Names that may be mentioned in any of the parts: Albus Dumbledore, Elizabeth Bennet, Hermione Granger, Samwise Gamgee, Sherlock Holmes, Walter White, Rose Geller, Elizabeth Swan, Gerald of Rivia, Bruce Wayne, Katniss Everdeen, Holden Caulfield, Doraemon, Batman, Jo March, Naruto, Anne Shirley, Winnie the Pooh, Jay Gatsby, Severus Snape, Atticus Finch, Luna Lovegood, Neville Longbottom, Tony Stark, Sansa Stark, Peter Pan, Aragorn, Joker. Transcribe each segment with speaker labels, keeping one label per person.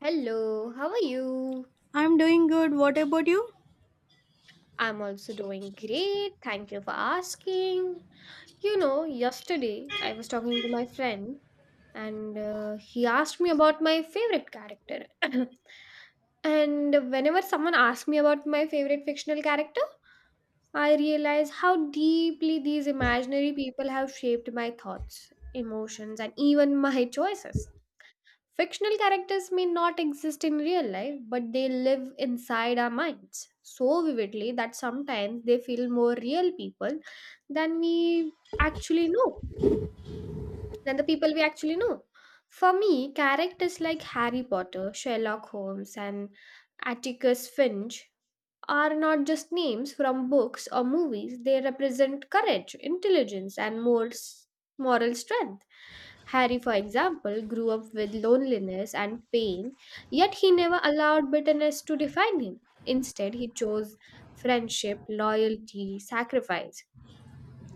Speaker 1: Hello, how are you?
Speaker 2: I'm doing good. What about you?
Speaker 1: I'm also doing great. Thank you for asking. You know, yesterday I was talking to my friend and he asked me about my favorite character. And whenever someone asks me about my favorite fictional character, I realize how deeply these imaginary people have shaped my thoughts, emotions, and even my choices. Fictional characters may not exist in real life, but they live inside our minds so vividly that sometimes they feel more real people than we actually know, than the people we actually know. For me, characters like Harry Potter, Sherlock Holmes, and Atticus Finch are not just names from books or movies, they represent courage, intelligence, and morals, moral strength. Harry, for example, grew up with loneliness and pain, yet he never allowed bitterness to define him. Instead, he chose friendship, loyalty, sacrifice.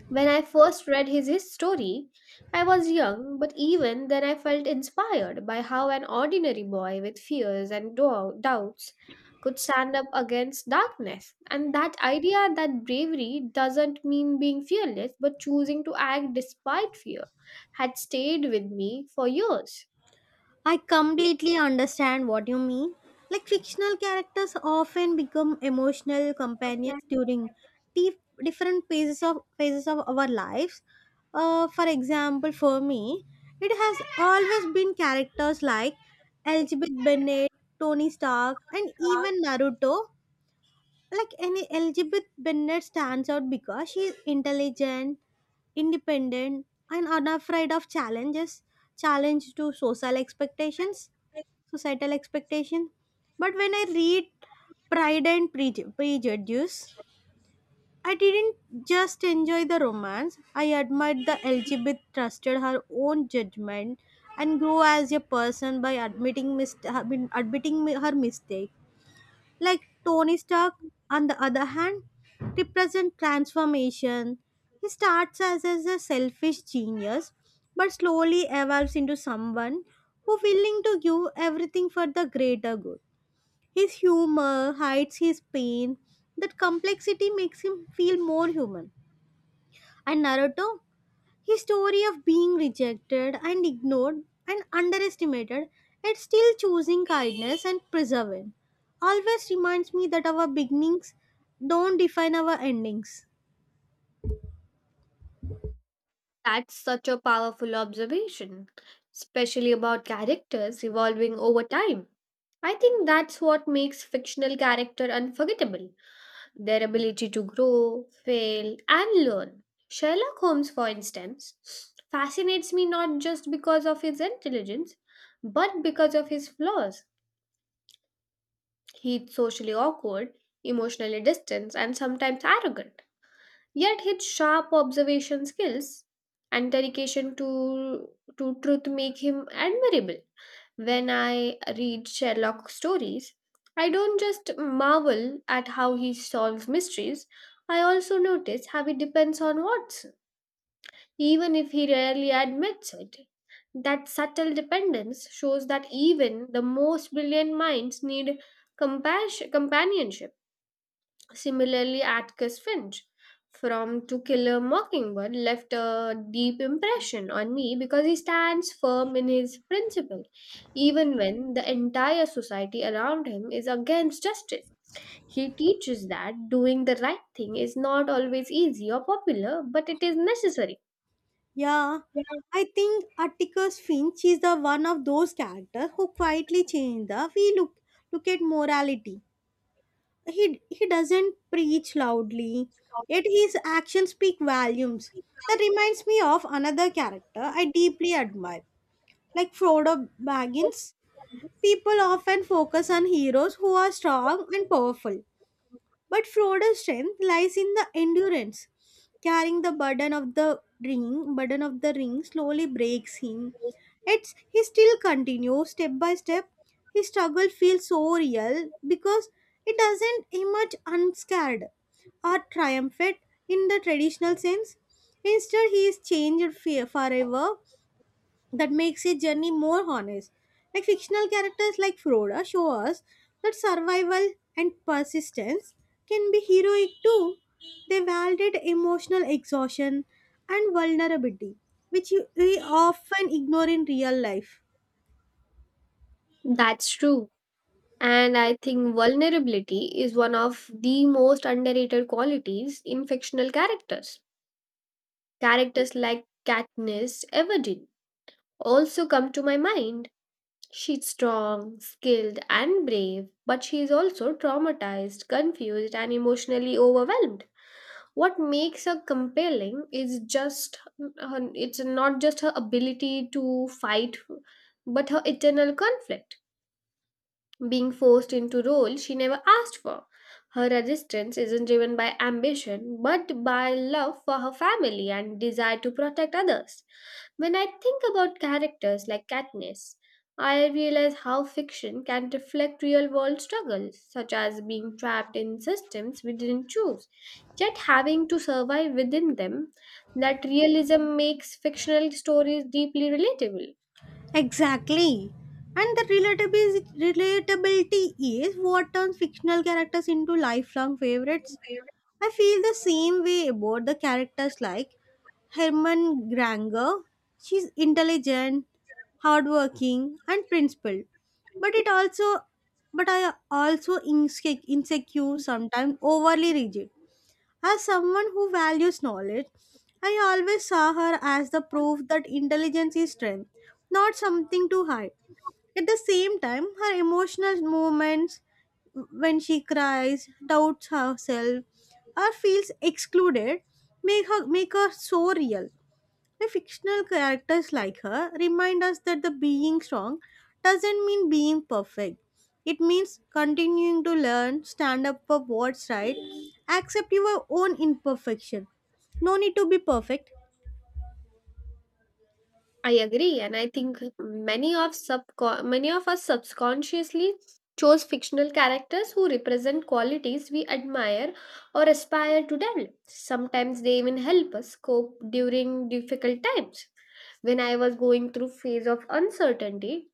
Speaker 1: When I first read his story, I was young, but even then I felt inspired by how an ordinary boy with fears and doubts could stand up against darkness. And that idea, that bravery doesn't mean being fearless, but choosing to act despite fear, had stayed with me for years.
Speaker 2: I completely understand what you mean. Like fictional characters often become emotional companions during dif- different phases of our lives. For example, for me, it has always been characters like Elizabeth Bennet, Tony Stark, and even Naruto. Like any, elizabeth bennett stands out because she is intelligent, independent, and unafraid of challenge to social expectations societal expectation. But when I read pride and prejudice, I didn't just enjoy the romance. I admired the elizabeth trusted her own judgment and grew as a person by admitting her mistake. Like Tony Stark, on the other hand, represent transformation. He starts as a selfish genius, but slowly evolves into someone who willing to give everything for the greater good. His humor hides his pain. That complexity makes him feel more human. And Naruto? His story of being rejected and ignored and underestimated, yet still choosing kindness and perseverance, always reminds me that our beginnings don't define our endings.
Speaker 1: That's such a powerful observation, especially about characters evolving over time. I think that's what makes fictional character unforgettable, their ability to grow, fail, and learn. Sherlock Holmes, for instance, fascinates me not just because of his intelligence, but because of his flaws. He's socially awkward, emotionally distant, and sometimes arrogant. Yet his sharp observation skills and to truth make him admirable. When I read Sherlock stories, I don't just marvel at how he solves mysteries, I also notice how he depends on Watson, even if he rarely admits it. That subtle dependence shows that even the most brilliant minds need compassion, companionship. Similarly, Atticus Finch from To Kill a Mockingbird left a deep impression on me because he stands firm in his principle, even when the entire society around him is against justice. He teaches that doing the right thing is not always easy or popular, but it is necessary.
Speaker 2: Yeah, I think Atticus Finch is the one of those characters who quietly changed the we look at morality. He doesn't preach loudly, yet his actions speak volumes. That reminds me of another character I deeply admire. Like Frodo Baggins, people often focus on heroes who are strong and powerful. But Frodo's strength lies in the endurance. Carrying the burden of the ring slowly breaks him. It's he still continues step by step. His struggle feels so real because it doesn't emerge unscared or triumphant in the traditional sense. Instead, he is changed forever, that makes a journey more honest. Like fictional characters like Froda show us that survival and persistence can be heroic too. They validate emotional exhaustion and vulnerability, which we often ignore in real life.
Speaker 1: That's true. And I think vulnerability is one of the most underrated qualities in fictional characters. Characters like Katniss Everdeen also come to my mind. She's strong, skilled, and brave, but she is also traumatized, confused, and emotionally overwhelmed. What makes her compelling is it's not just her ability to fight, but her eternal conflict. Being forced into roles she never asked for. Her resistance isn't driven by ambition but by love for her family and desire to protect others. When I think about characters like Katniss, I realize how fiction can reflect real world struggles, such as being trapped in systems we didn't choose, yet having to survive within them. That realism makes fictional stories deeply relatable.
Speaker 2: Exactly. And the relatability is what turns fictional characters into lifelong favorites. I feel the same way about the characters like Herman Granger. She's intelligent, hardworking, and principled. But it also, but I also insecure, sometimes overly rigid. As someone who values knowledge, I always saw her as the proof that intelligence is strength, not something to hide. At the same time, her emotional moments, when she cries, doubts herself, or feels excluded, make her so real. The fictional characters like her remind us that the being strong doesn't mean being perfect. It means continuing to learn, stand up for what's right, accept your own imperfection. No need to be perfect.
Speaker 1: I agree, and I think many of us subconsciously chose fictional characters who represent qualities we admire or aspire to develop. Sometimes they even help us cope during difficult times. When I was going through phase of uncertainty,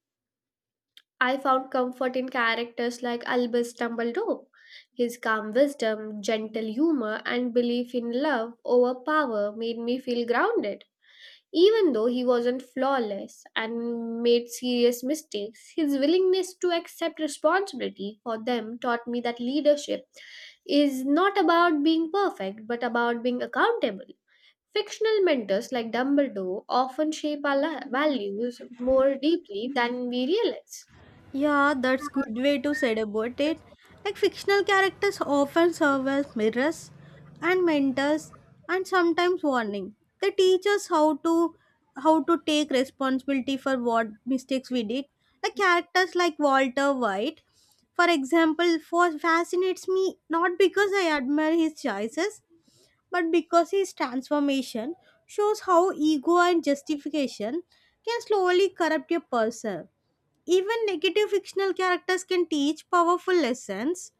Speaker 1: I found comfort in characters like Albus Dumbledore. His calm wisdom, gentle humor, and belief in love over power made me feel grounded. Even though he wasn't flawless and made serious mistakes, his willingness to accept responsibility for them taught me that leadership is not about being perfect but about being accountable. Fictional mentors like Dumbledore often shape our values more deeply than we realize.
Speaker 2: Yeah, that's good way to say about it. Like fictional characters often serve as mirrors and mentors and sometimes warning. They teach us how to take responsibility for what mistakes we did. Like characters like Walter White, for example, for fascinates me not because I admire his choices, but because his transformation shows how ego and justification can slowly corrupt a person. Even negative fictional characters can teach powerful lessons.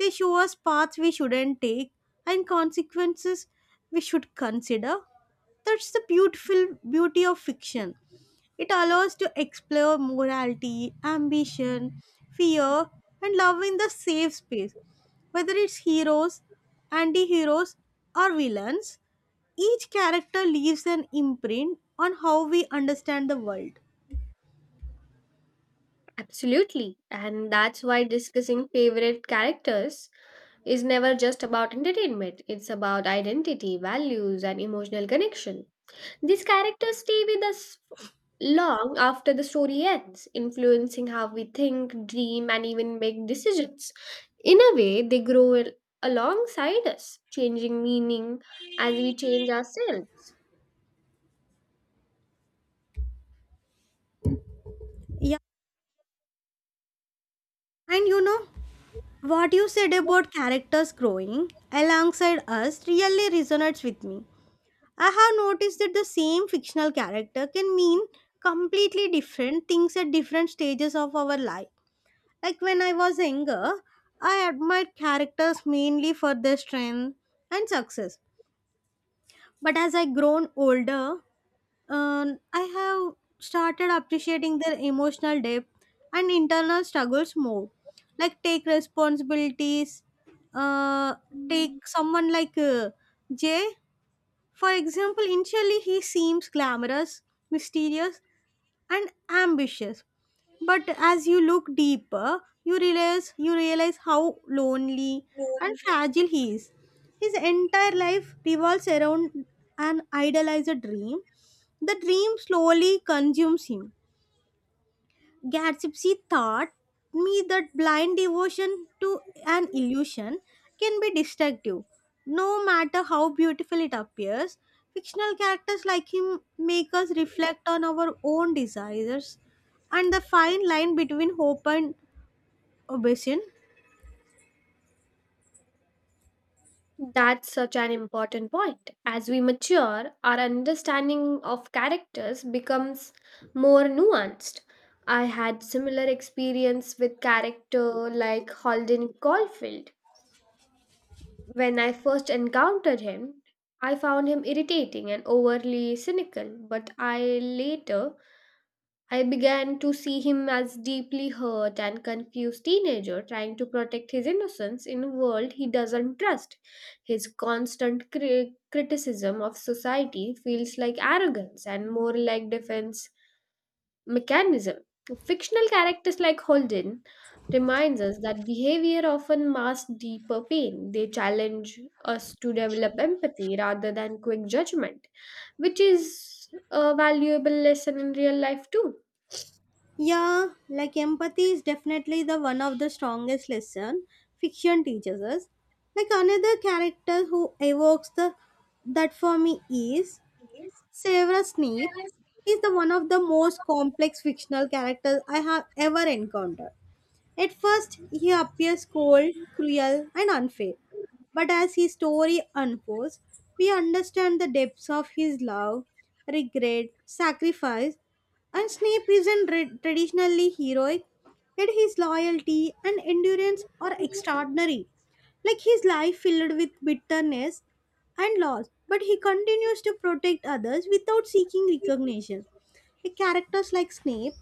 Speaker 2: They show us paths we shouldn't take and consequences we should consider. That's the beautiful beauty of fiction. It allows to explore morality, ambition, fear, and love in the safe space. Whether it's heroes, anti-heroes, or villains, each character leaves an imprint on how we understand the world.
Speaker 1: Absolutely, and that's why discussing favorite characters is never just about entertainment, it's about identity, values, and emotional connection. These characters stay with us long after the story ends, influencing how we think, dream, and even make decisions. In a way, they alongside us, changing meaning as we change ourselves.
Speaker 2: Yeah, and you know, what you said about characters growing alongside us really resonates with me. I have noticed that the same fictional character can mean completely different things at different stages of our life. Like when I was younger, I admired characters mainly for their strength and success. But as I grown older, I have started appreciating their emotional depth and internal struggles more. Like take responsibilities. Uh, Take someone like Jay, for example. Initially, he seems glamorous, mysterious, and ambitious, but as you look deeper, you realize how lonely and fragile he is. His entire life revolves around an idealized dream. The dream slowly consumes him. Gatsby taught me that blind devotion to an illusion can be destructive. No matter how beautiful it appears, fictional characters like him make us reflect on our own desires and the fine line between hope and ambition.
Speaker 1: That's such an important point. As we mature, our understanding of characters becomes more nuanced. I had similar experience with character like Holden Caulfield. When I first encountered him, I found him irritating and overly cynical, but I later I began to see him as deeply hurt and confused teenager trying to protect his innocence in a world he doesn't trust. His criticism of society feels like arrogance and more like defense mechanism. Fictional characters like Holden reminds us that behavior often masks deeper pain. They challenge us to develop empathy rather than quick judgment, which is a valuable lesson in real life too.
Speaker 2: Yeah, like empathy is definitely the one of the strongest lesson fiction teaches us. Like another character who evokes the that for me is Severus Snape. Is the one of the most complex fictional characters I have ever encountered. At first, he appears cold, cruel, and unfair. But as his story unfolds, we understand the depths of his love, regret, sacrifice, and Snape isn't traditionally heroic, yet his loyalty and endurance are extraordinary. Like his life filled with bitterness and loss, but he continues to protect others without seeking recognition. Like characters like Snape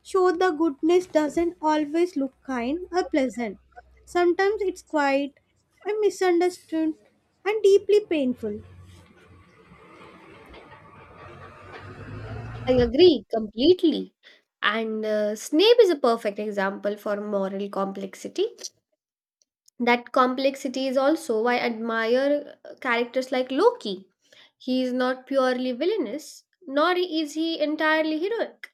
Speaker 2: show the goodness doesn't always look kind or pleasant. Sometimes it's quiet and misunderstood and deeply painful.
Speaker 1: I agree completely. And Snape is a perfect example for moral complexity. That complexity is also why I admire characters like Loki. He is not purely villainous, nor is he entirely heroic.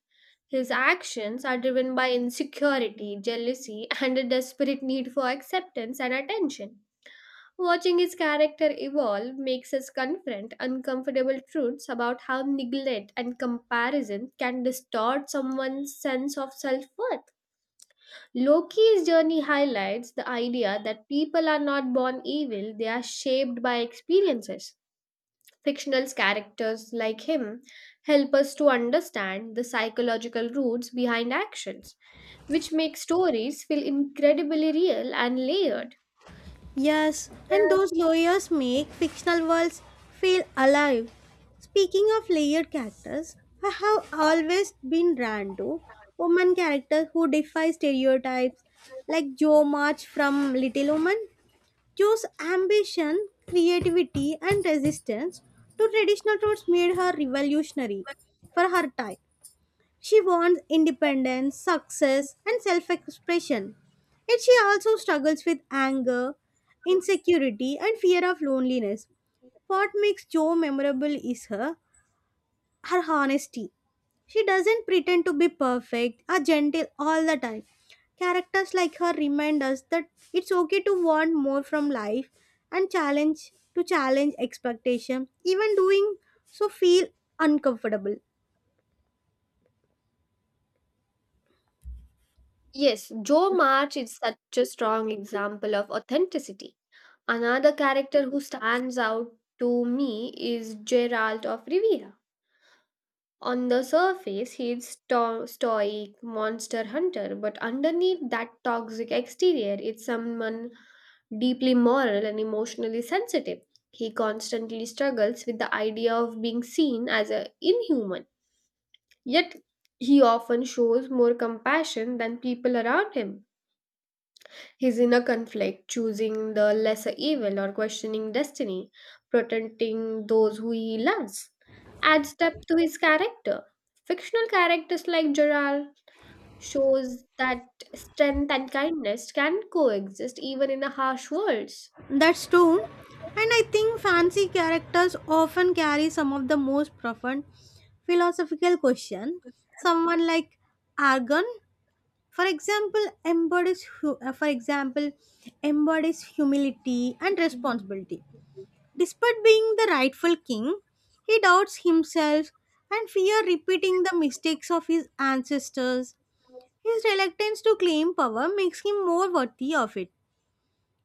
Speaker 1: His actions are driven by insecurity, jealousy, and a desperate need for acceptance and attention. Watching his character evolve makes us confront uncomfortable truths about how neglect and comparison can distort someone's sense of self worth. Loki's journey highlights the idea that people are not born evil, they are shaped by experiences. Fictional characters like him help us to understand the psychological roots behind actions, which make stories feel incredibly real and layered.
Speaker 2: Yes, and
Speaker 1: Yes.
Speaker 2: those lawyers make fictional worlds feel alive. Speaking of layered characters, I have always been drawn to woman characters who defy stereotypes, like Jo March from Little Woman. Cho's ambition, creativity, and resistance to traditional routes made her revolutionary for her time. She wants independence, success, and self expression. Yet she also struggles with anger, insecurity, and fear of loneliness. What makes Jo memorable is her honesty. She doesn't pretend to be perfect or gentle all the time. Characters like her remind us that it's okay to want more from life and challenge expectation, even doing so feel uncomfortable.
Speaker 1: Yes, Joe March is such a strong example of authenticity. Another character who stands out to me is Gerald of Rivia. On the surface, he's stoic monster hunter, but underneath that toxic exterior, it's someone deeply moral and emotionally sensitive. He constantly struggles with the idea of being seen as a inhuman, yet he often shows more compassion than people around him. He's in a conflict, choosing the lesser evil or questioning destiny, protecting those who he loves. Adds depth to his character. Fictional characters like Gerald shows that strength and kindness can coexist even in a harsh world.
Speaker 2: That's true. And I think fancy characters often carry some of the most profound philosophical questions. Someone like Argon, for example, embodies hu- for example embodies humility and responsibility. Despite being the rightful king, he doubts himself and fear repeating the mistakes of his ancestors. His reluctance to claim power makes him more worthy of it.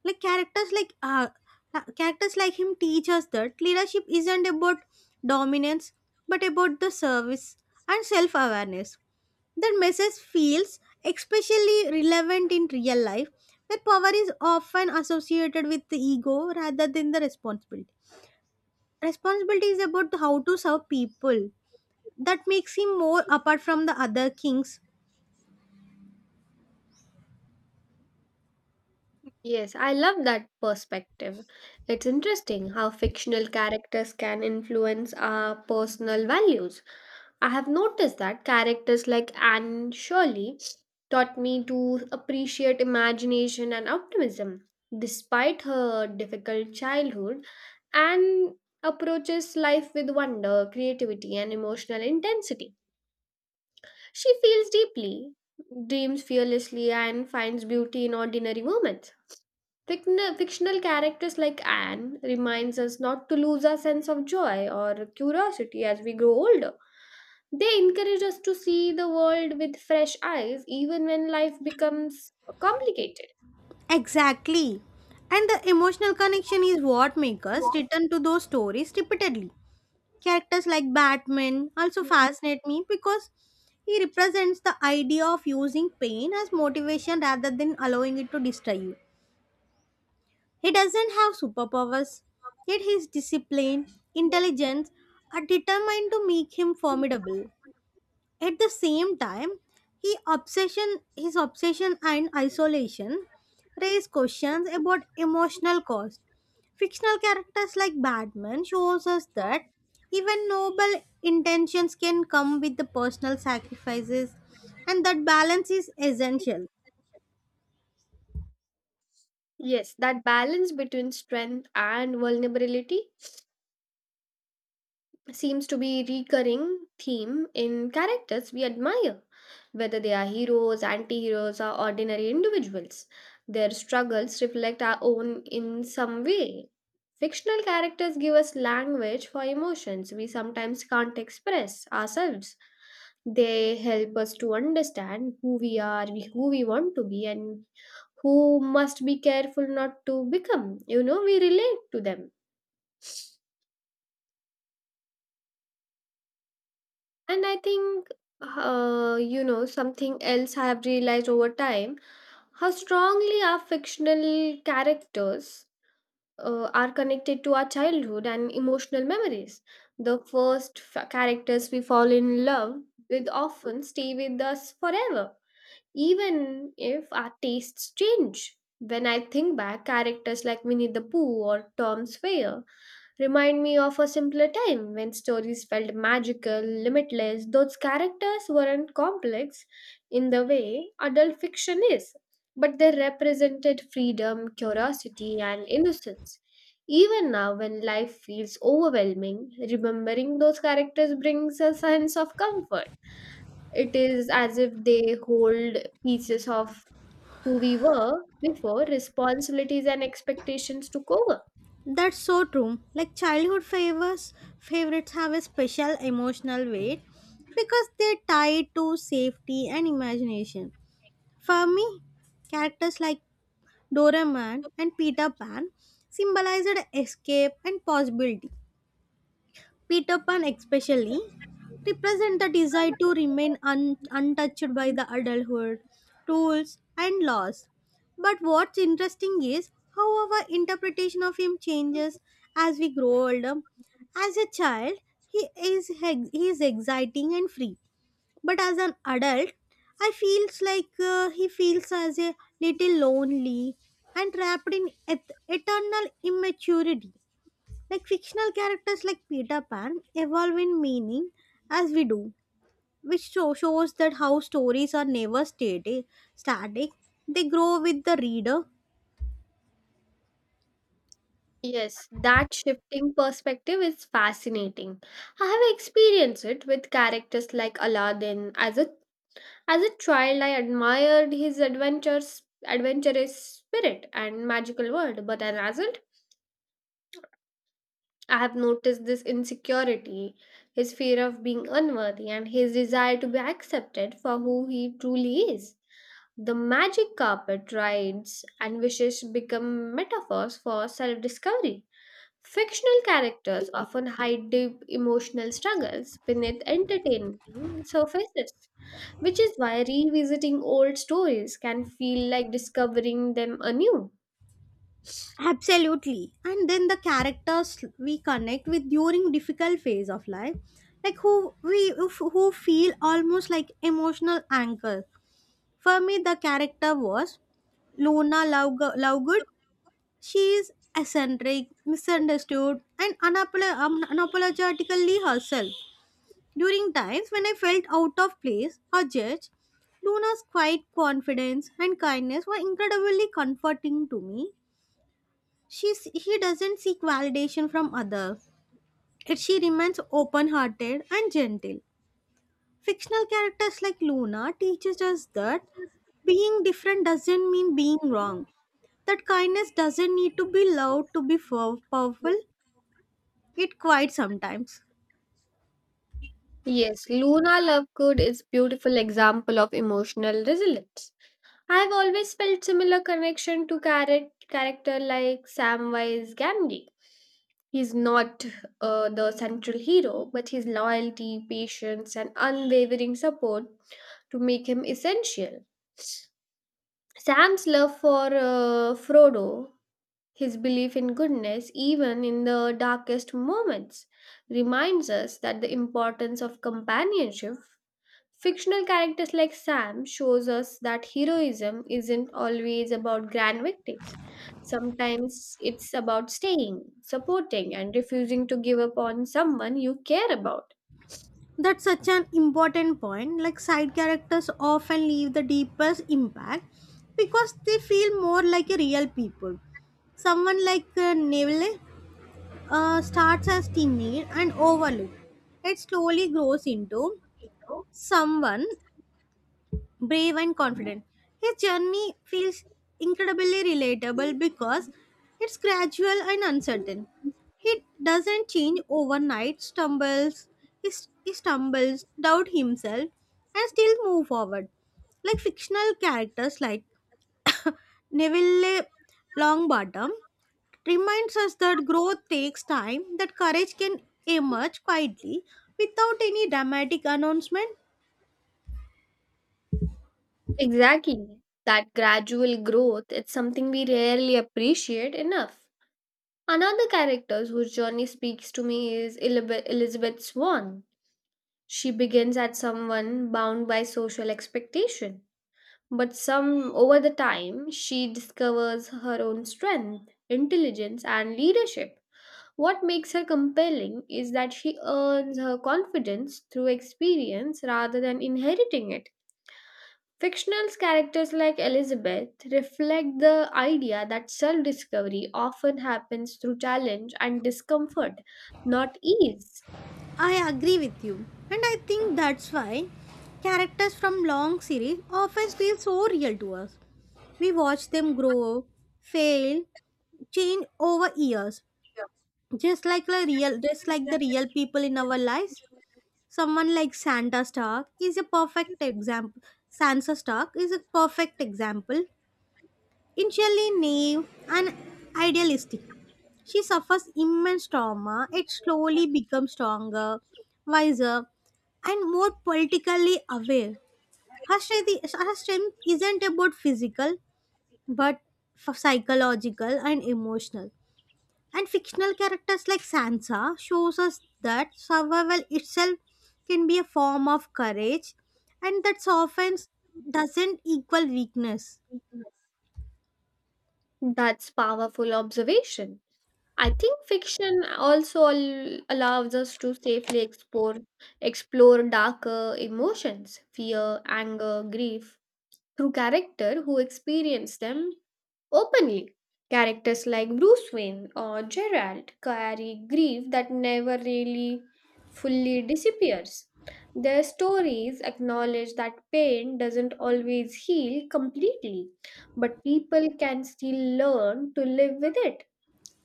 Speaker 2: Like characters like him teach us that leadership isn't about dominance, but about the service and self-awareness. That message feels especially relevant in real life, where power is often associated with the ego rather than the responsibility. Responsibility is about how to serve people. That makes him more apart from the other kings.
Speaker 1: Yes, I love that perspective. It's interesting how fictional characters can influence our personal values. I have noticed that characters like Anne Shirley taught me to appreciate imagination and optimism. Despite her difficult childhood, Anne approaches life with wonder, creativity, and emotional intensity. She feels deeply, dreams fearlessly, and finds beauty in ordinary moments. Fictional characters like Anne reminds us not to lose our sense of joy or curiosity as we grow older. They encourage us to see the world with fresh eyes, even when life becomes complicated.
Speaker 2: Exactly. And the emotional connection is what makes us return to those stories repeatedly. Characters like Batman also fascinate me because he represents the idea of using pain as motivation rather than allowing it to destroy you. He doesn't have superpowers, yet his discipline, intelligence are determined to make him formidable. At the same time, his obsession and isolation raise questions about emotional cost. Fictional characters like Batman shows us that even noble intentions can come with the personal sacrifices and that balance is essential.
Speaker 1: Yes, that balance between strength and vulnerability seems to be recurring theme in characters we admire, whether they are heroes, anti-heroes, or ordinary individuals. Their struggles reflect our own in some way. Fictional characters give us language for emotions we sometimes can't express ourselves. They help us to understand who we are, who we want to be, and who must be careful not to become, you know, we relate to them. And I think, something else I have realized over time, how strongly our fictional characters are connected to our childhood and emotional memories. The characters we fall in love with often stay with us forever, even if our tastes change. When I think back, characters like Winnie the Pooh or Tom Sawyer remind me of a simpler time when stories felt magical, limitless. Those characters weren't complex in the way adult fiction is, but they represented freedom, curiosity, and innocence. Even now, when life feels overwhelming, remembering those characters brings a sense of comfort. It is as if they hold pieces of who we were before responsibilities and expectations took over.
Speaker 2: That's so true. Like favorites have a special emotional weight because they're tied to safety and imagination. For me, characters like Doraemon and Peter Pan symbolized escape and possibility. Peter Pan especially represent the desire to remain untouched by the adulthood, rules and laws. But what's interesting is how our interpretation of him changes as we grow older. As a child, he is exciting and free. But as an adult, I feels like he feels as a little lonely and trapped in eternal immaturity. Like fictional characters like Peter Pan evolve in meaning as we do, which shows that how stories are never static. They grow with the reader.
Speaker 1: Yes, that shifting perspective is fascinating. I have experienced it with characters like Aladdin. As a child, I admired adventurous spirit and magical world, but as an adult, I have noticed this insecurity, his fear of being unworthy, and his desire to be accepted for who he truly is. The magic carpet rides and wishes become metaphors for self discovery. Fictional characters often hide deep emotional struggles beneath entertaining surfaces, which is why revisiting old stories can feel like discovering them anew.
Speaker 2: Absolutely. And then the characters we connect with during difficult phase of life, like who we who feel almost like emotional anchor. For me, the character was Luna Lovegood. She is eccentric, misunderstood, and unapologetically herself. During times when I felt out of place or judged, Luna's quiet confidence and kindness were incredibly comforting to me. She doesn't seek validation from others, yet she remains open hearted and gentle. Fictional characters like Luna teaches us that being different doesn't mean being wrong. That kindness doesn't need to be loud to be powerful. It quite sometimes.
Speaker 1: Yes, Luna Lovegood is beautiful example of emotional resilience. I've always felt similar connection to character like Samwise Gamgee. He's not the central hero, but his loyalty, patience, and unwavering support to make him essential. Sam's love for Frodo, his belief in goodness even in the darkest moments, reminds us that the importance of companionship. Fictional characters like Sam shows us that heroism isn't always about grand victories. Sometimes it's about staying, supporting, and refusing to give up on someone you care about.
Speaker 2: That's such an important point. Like side characters often leave the deepest impact because they feel more like a real people. Someone like Neville starts as timid and overlooked. It slowly grows into someone brave and confident. His journey feels incredibly relatable because it's gradual and uncertain. He doesn't change overnight, stumbles, he stumbles, doubt himself, and still move forward. Like fictional characters like Neville Longbottom reminds us that growth takes time, that courage can emerge quietly without any dramatic announcement.
Speaker 1: Exactly. That gradual growth, it's something we rarely appreciate enough. Another character whose journey speaks to me is Elizabeth Swan. She begins as someone bound by social expectation. But some over the time, she discovers her own strength, intelligence, and leadership. What makes her compelling is that she earns her confidence through experience rather than inheriting it. Fictional characters like Elizabeth reflect the idea that self discovery often happens through challenge and discomfort, not ease.
Speaker 2: I agree with you, and I think that's why characters from long series often feel so real to us. We watch them grow, fail, change over years, just like the real people in our lives. Someone like Santa Stark is a perfect example. Sansa Stark is a perfect example, initially naive and idealistic, she suffers immense trauma, yet slowly becomes stronger, wiser, and more politically aware. Her strength isn't about physical, but psychological and emotional. And fictional characters like Sansa shows us that survival itself can be a form of courage, and that often doesn't equal weakness.
Speaker 1: That's powerful observation. I think fiction also allows us to safely explore explore darker emotions, fear, anger, grief, through character who experience them openly. Characters like Bruce Wayne or Gerald carry grief that never really fully disappears. Their stories acknowledge that pain doesn't always heal completely, but people can still learn to live with it.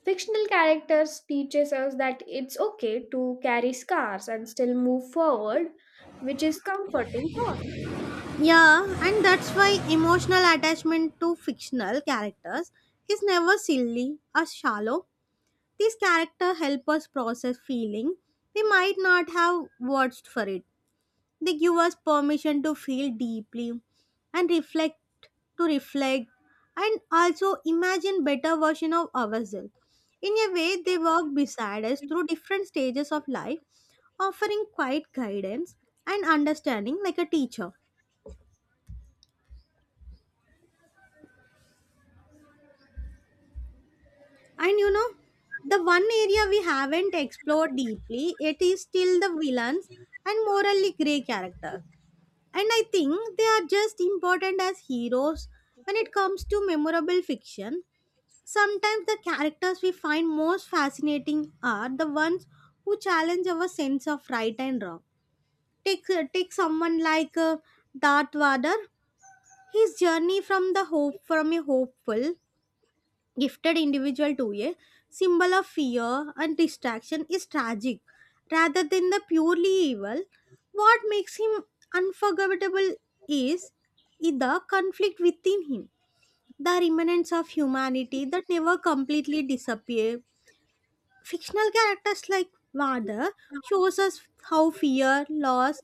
Speaker 1: Fictional characters teaches us that it's okay to carry scars and still move forward, which is comforting thought.
Speaker 2: Yeah, and that's why emotional attachment to fictional characters is never silly or shallow. These characters help us process feeling we might not have words for it. They give us permission to feel deeply and reflect and also imagine better version of ourselves. In a way, they walk beside us through different stages of life, offering quiet guidance and understanding like a teacher. And you know, the one area we haven't explored deeply, it is still the villains and morally grey characters. And I think they are just important as heroes when it comes to memorable fiction. Sometimes the characters we find most fascinating are the ones who challenge our sense of right and wrong. Take, Take someone like Darth Vader. His journey from the hope from a hopeful gifted individual to a symbol of fear and distraction is tragic rather than the purely evil. What makes him unforgettable is the conflict within him, the remnants of humanity that never completely disappear. Fictional characters like Vardar shows us how fear, loss,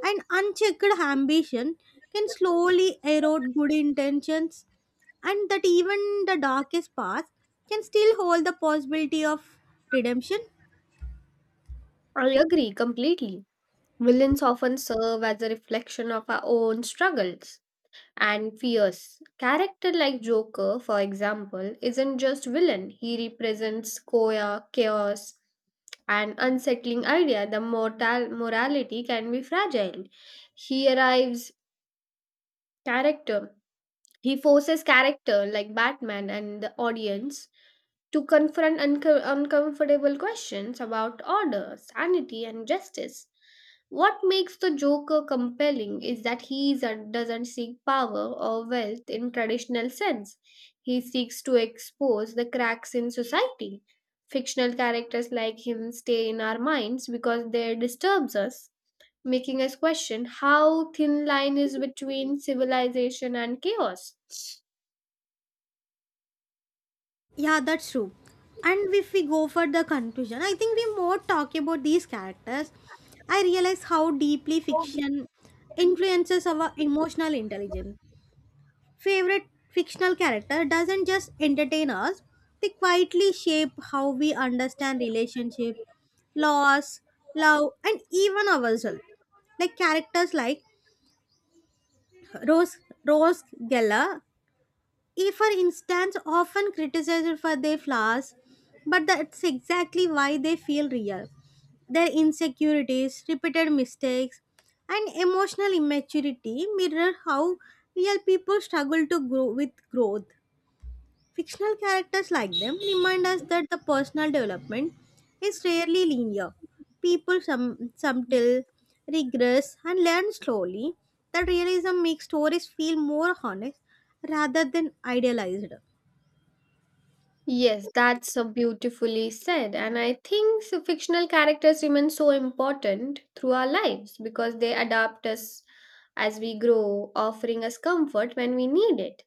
Speaker 2: and unchecked ambition can slowly erode good intentions, and that even the darkest path can still hold the possibility of redemption.
Speaker 1: I agree completely. Villains often serve as a reflection of our own struggles and fears. Character like Joker, for example, isn't just villain. He represents choir, chaos, and unsettling idea. The mortal morality can be fragile. He arrives character. He forces character like Batman and the audience to confront uncomfortable questions about order, sanity, and justice. What makes the Joker compelling is that he is doesn't seek power or wealth in traditional sense. He seeks to expose the cracks in society. Fictional characters like him stay in our minds because they disturbs us, making us question how thin line is between civilization and chaos.
Speaker 2: Yeah, that's true. And if we go for the conclusion, I think we more talk about these characters. I realize how deeply fiction influences our emotional intelligence. Favorite fictional character doesn't just entertain us, they quietly shape how we understand relationship, loss, love, and even ourselves. Like characters like Rose Rose Geller, if for instance often criticized for their flaws, but that's exactly why they feel real. Their insecurities, repeated mistakes, and emotional immaturity mirror how real people struggle to grow with growth. Fictional characters like them remind us that the personal development is rarely linear. People some subtle, regress, and learn slowly. That realism makes stories feel more honest rather than idealized.
Speaker 1: Yes, that's so beautifully said. And I think so fictional characters remain so important through our lives because they adapt us as we grow, offering us comfort when we need it.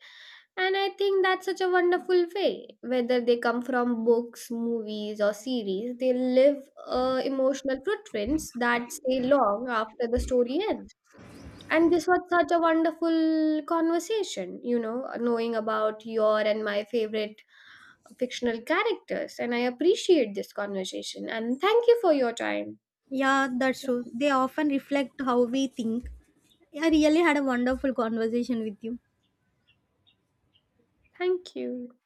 Speaker 1: And I think that's such a wonderful way. Whether they come from books, movies, or series, they leave emotional footprints that stay long after the story ends. And this was such a wonderful conversation, you know, knowing about your and my favorite fictional characters. And I appreciate this conversation. And thank you for your time.
Speaker 2: Yeah, that's true. They often reflect how we think. I really had a wonderful conversation with you.
Speaker 1: Thank you.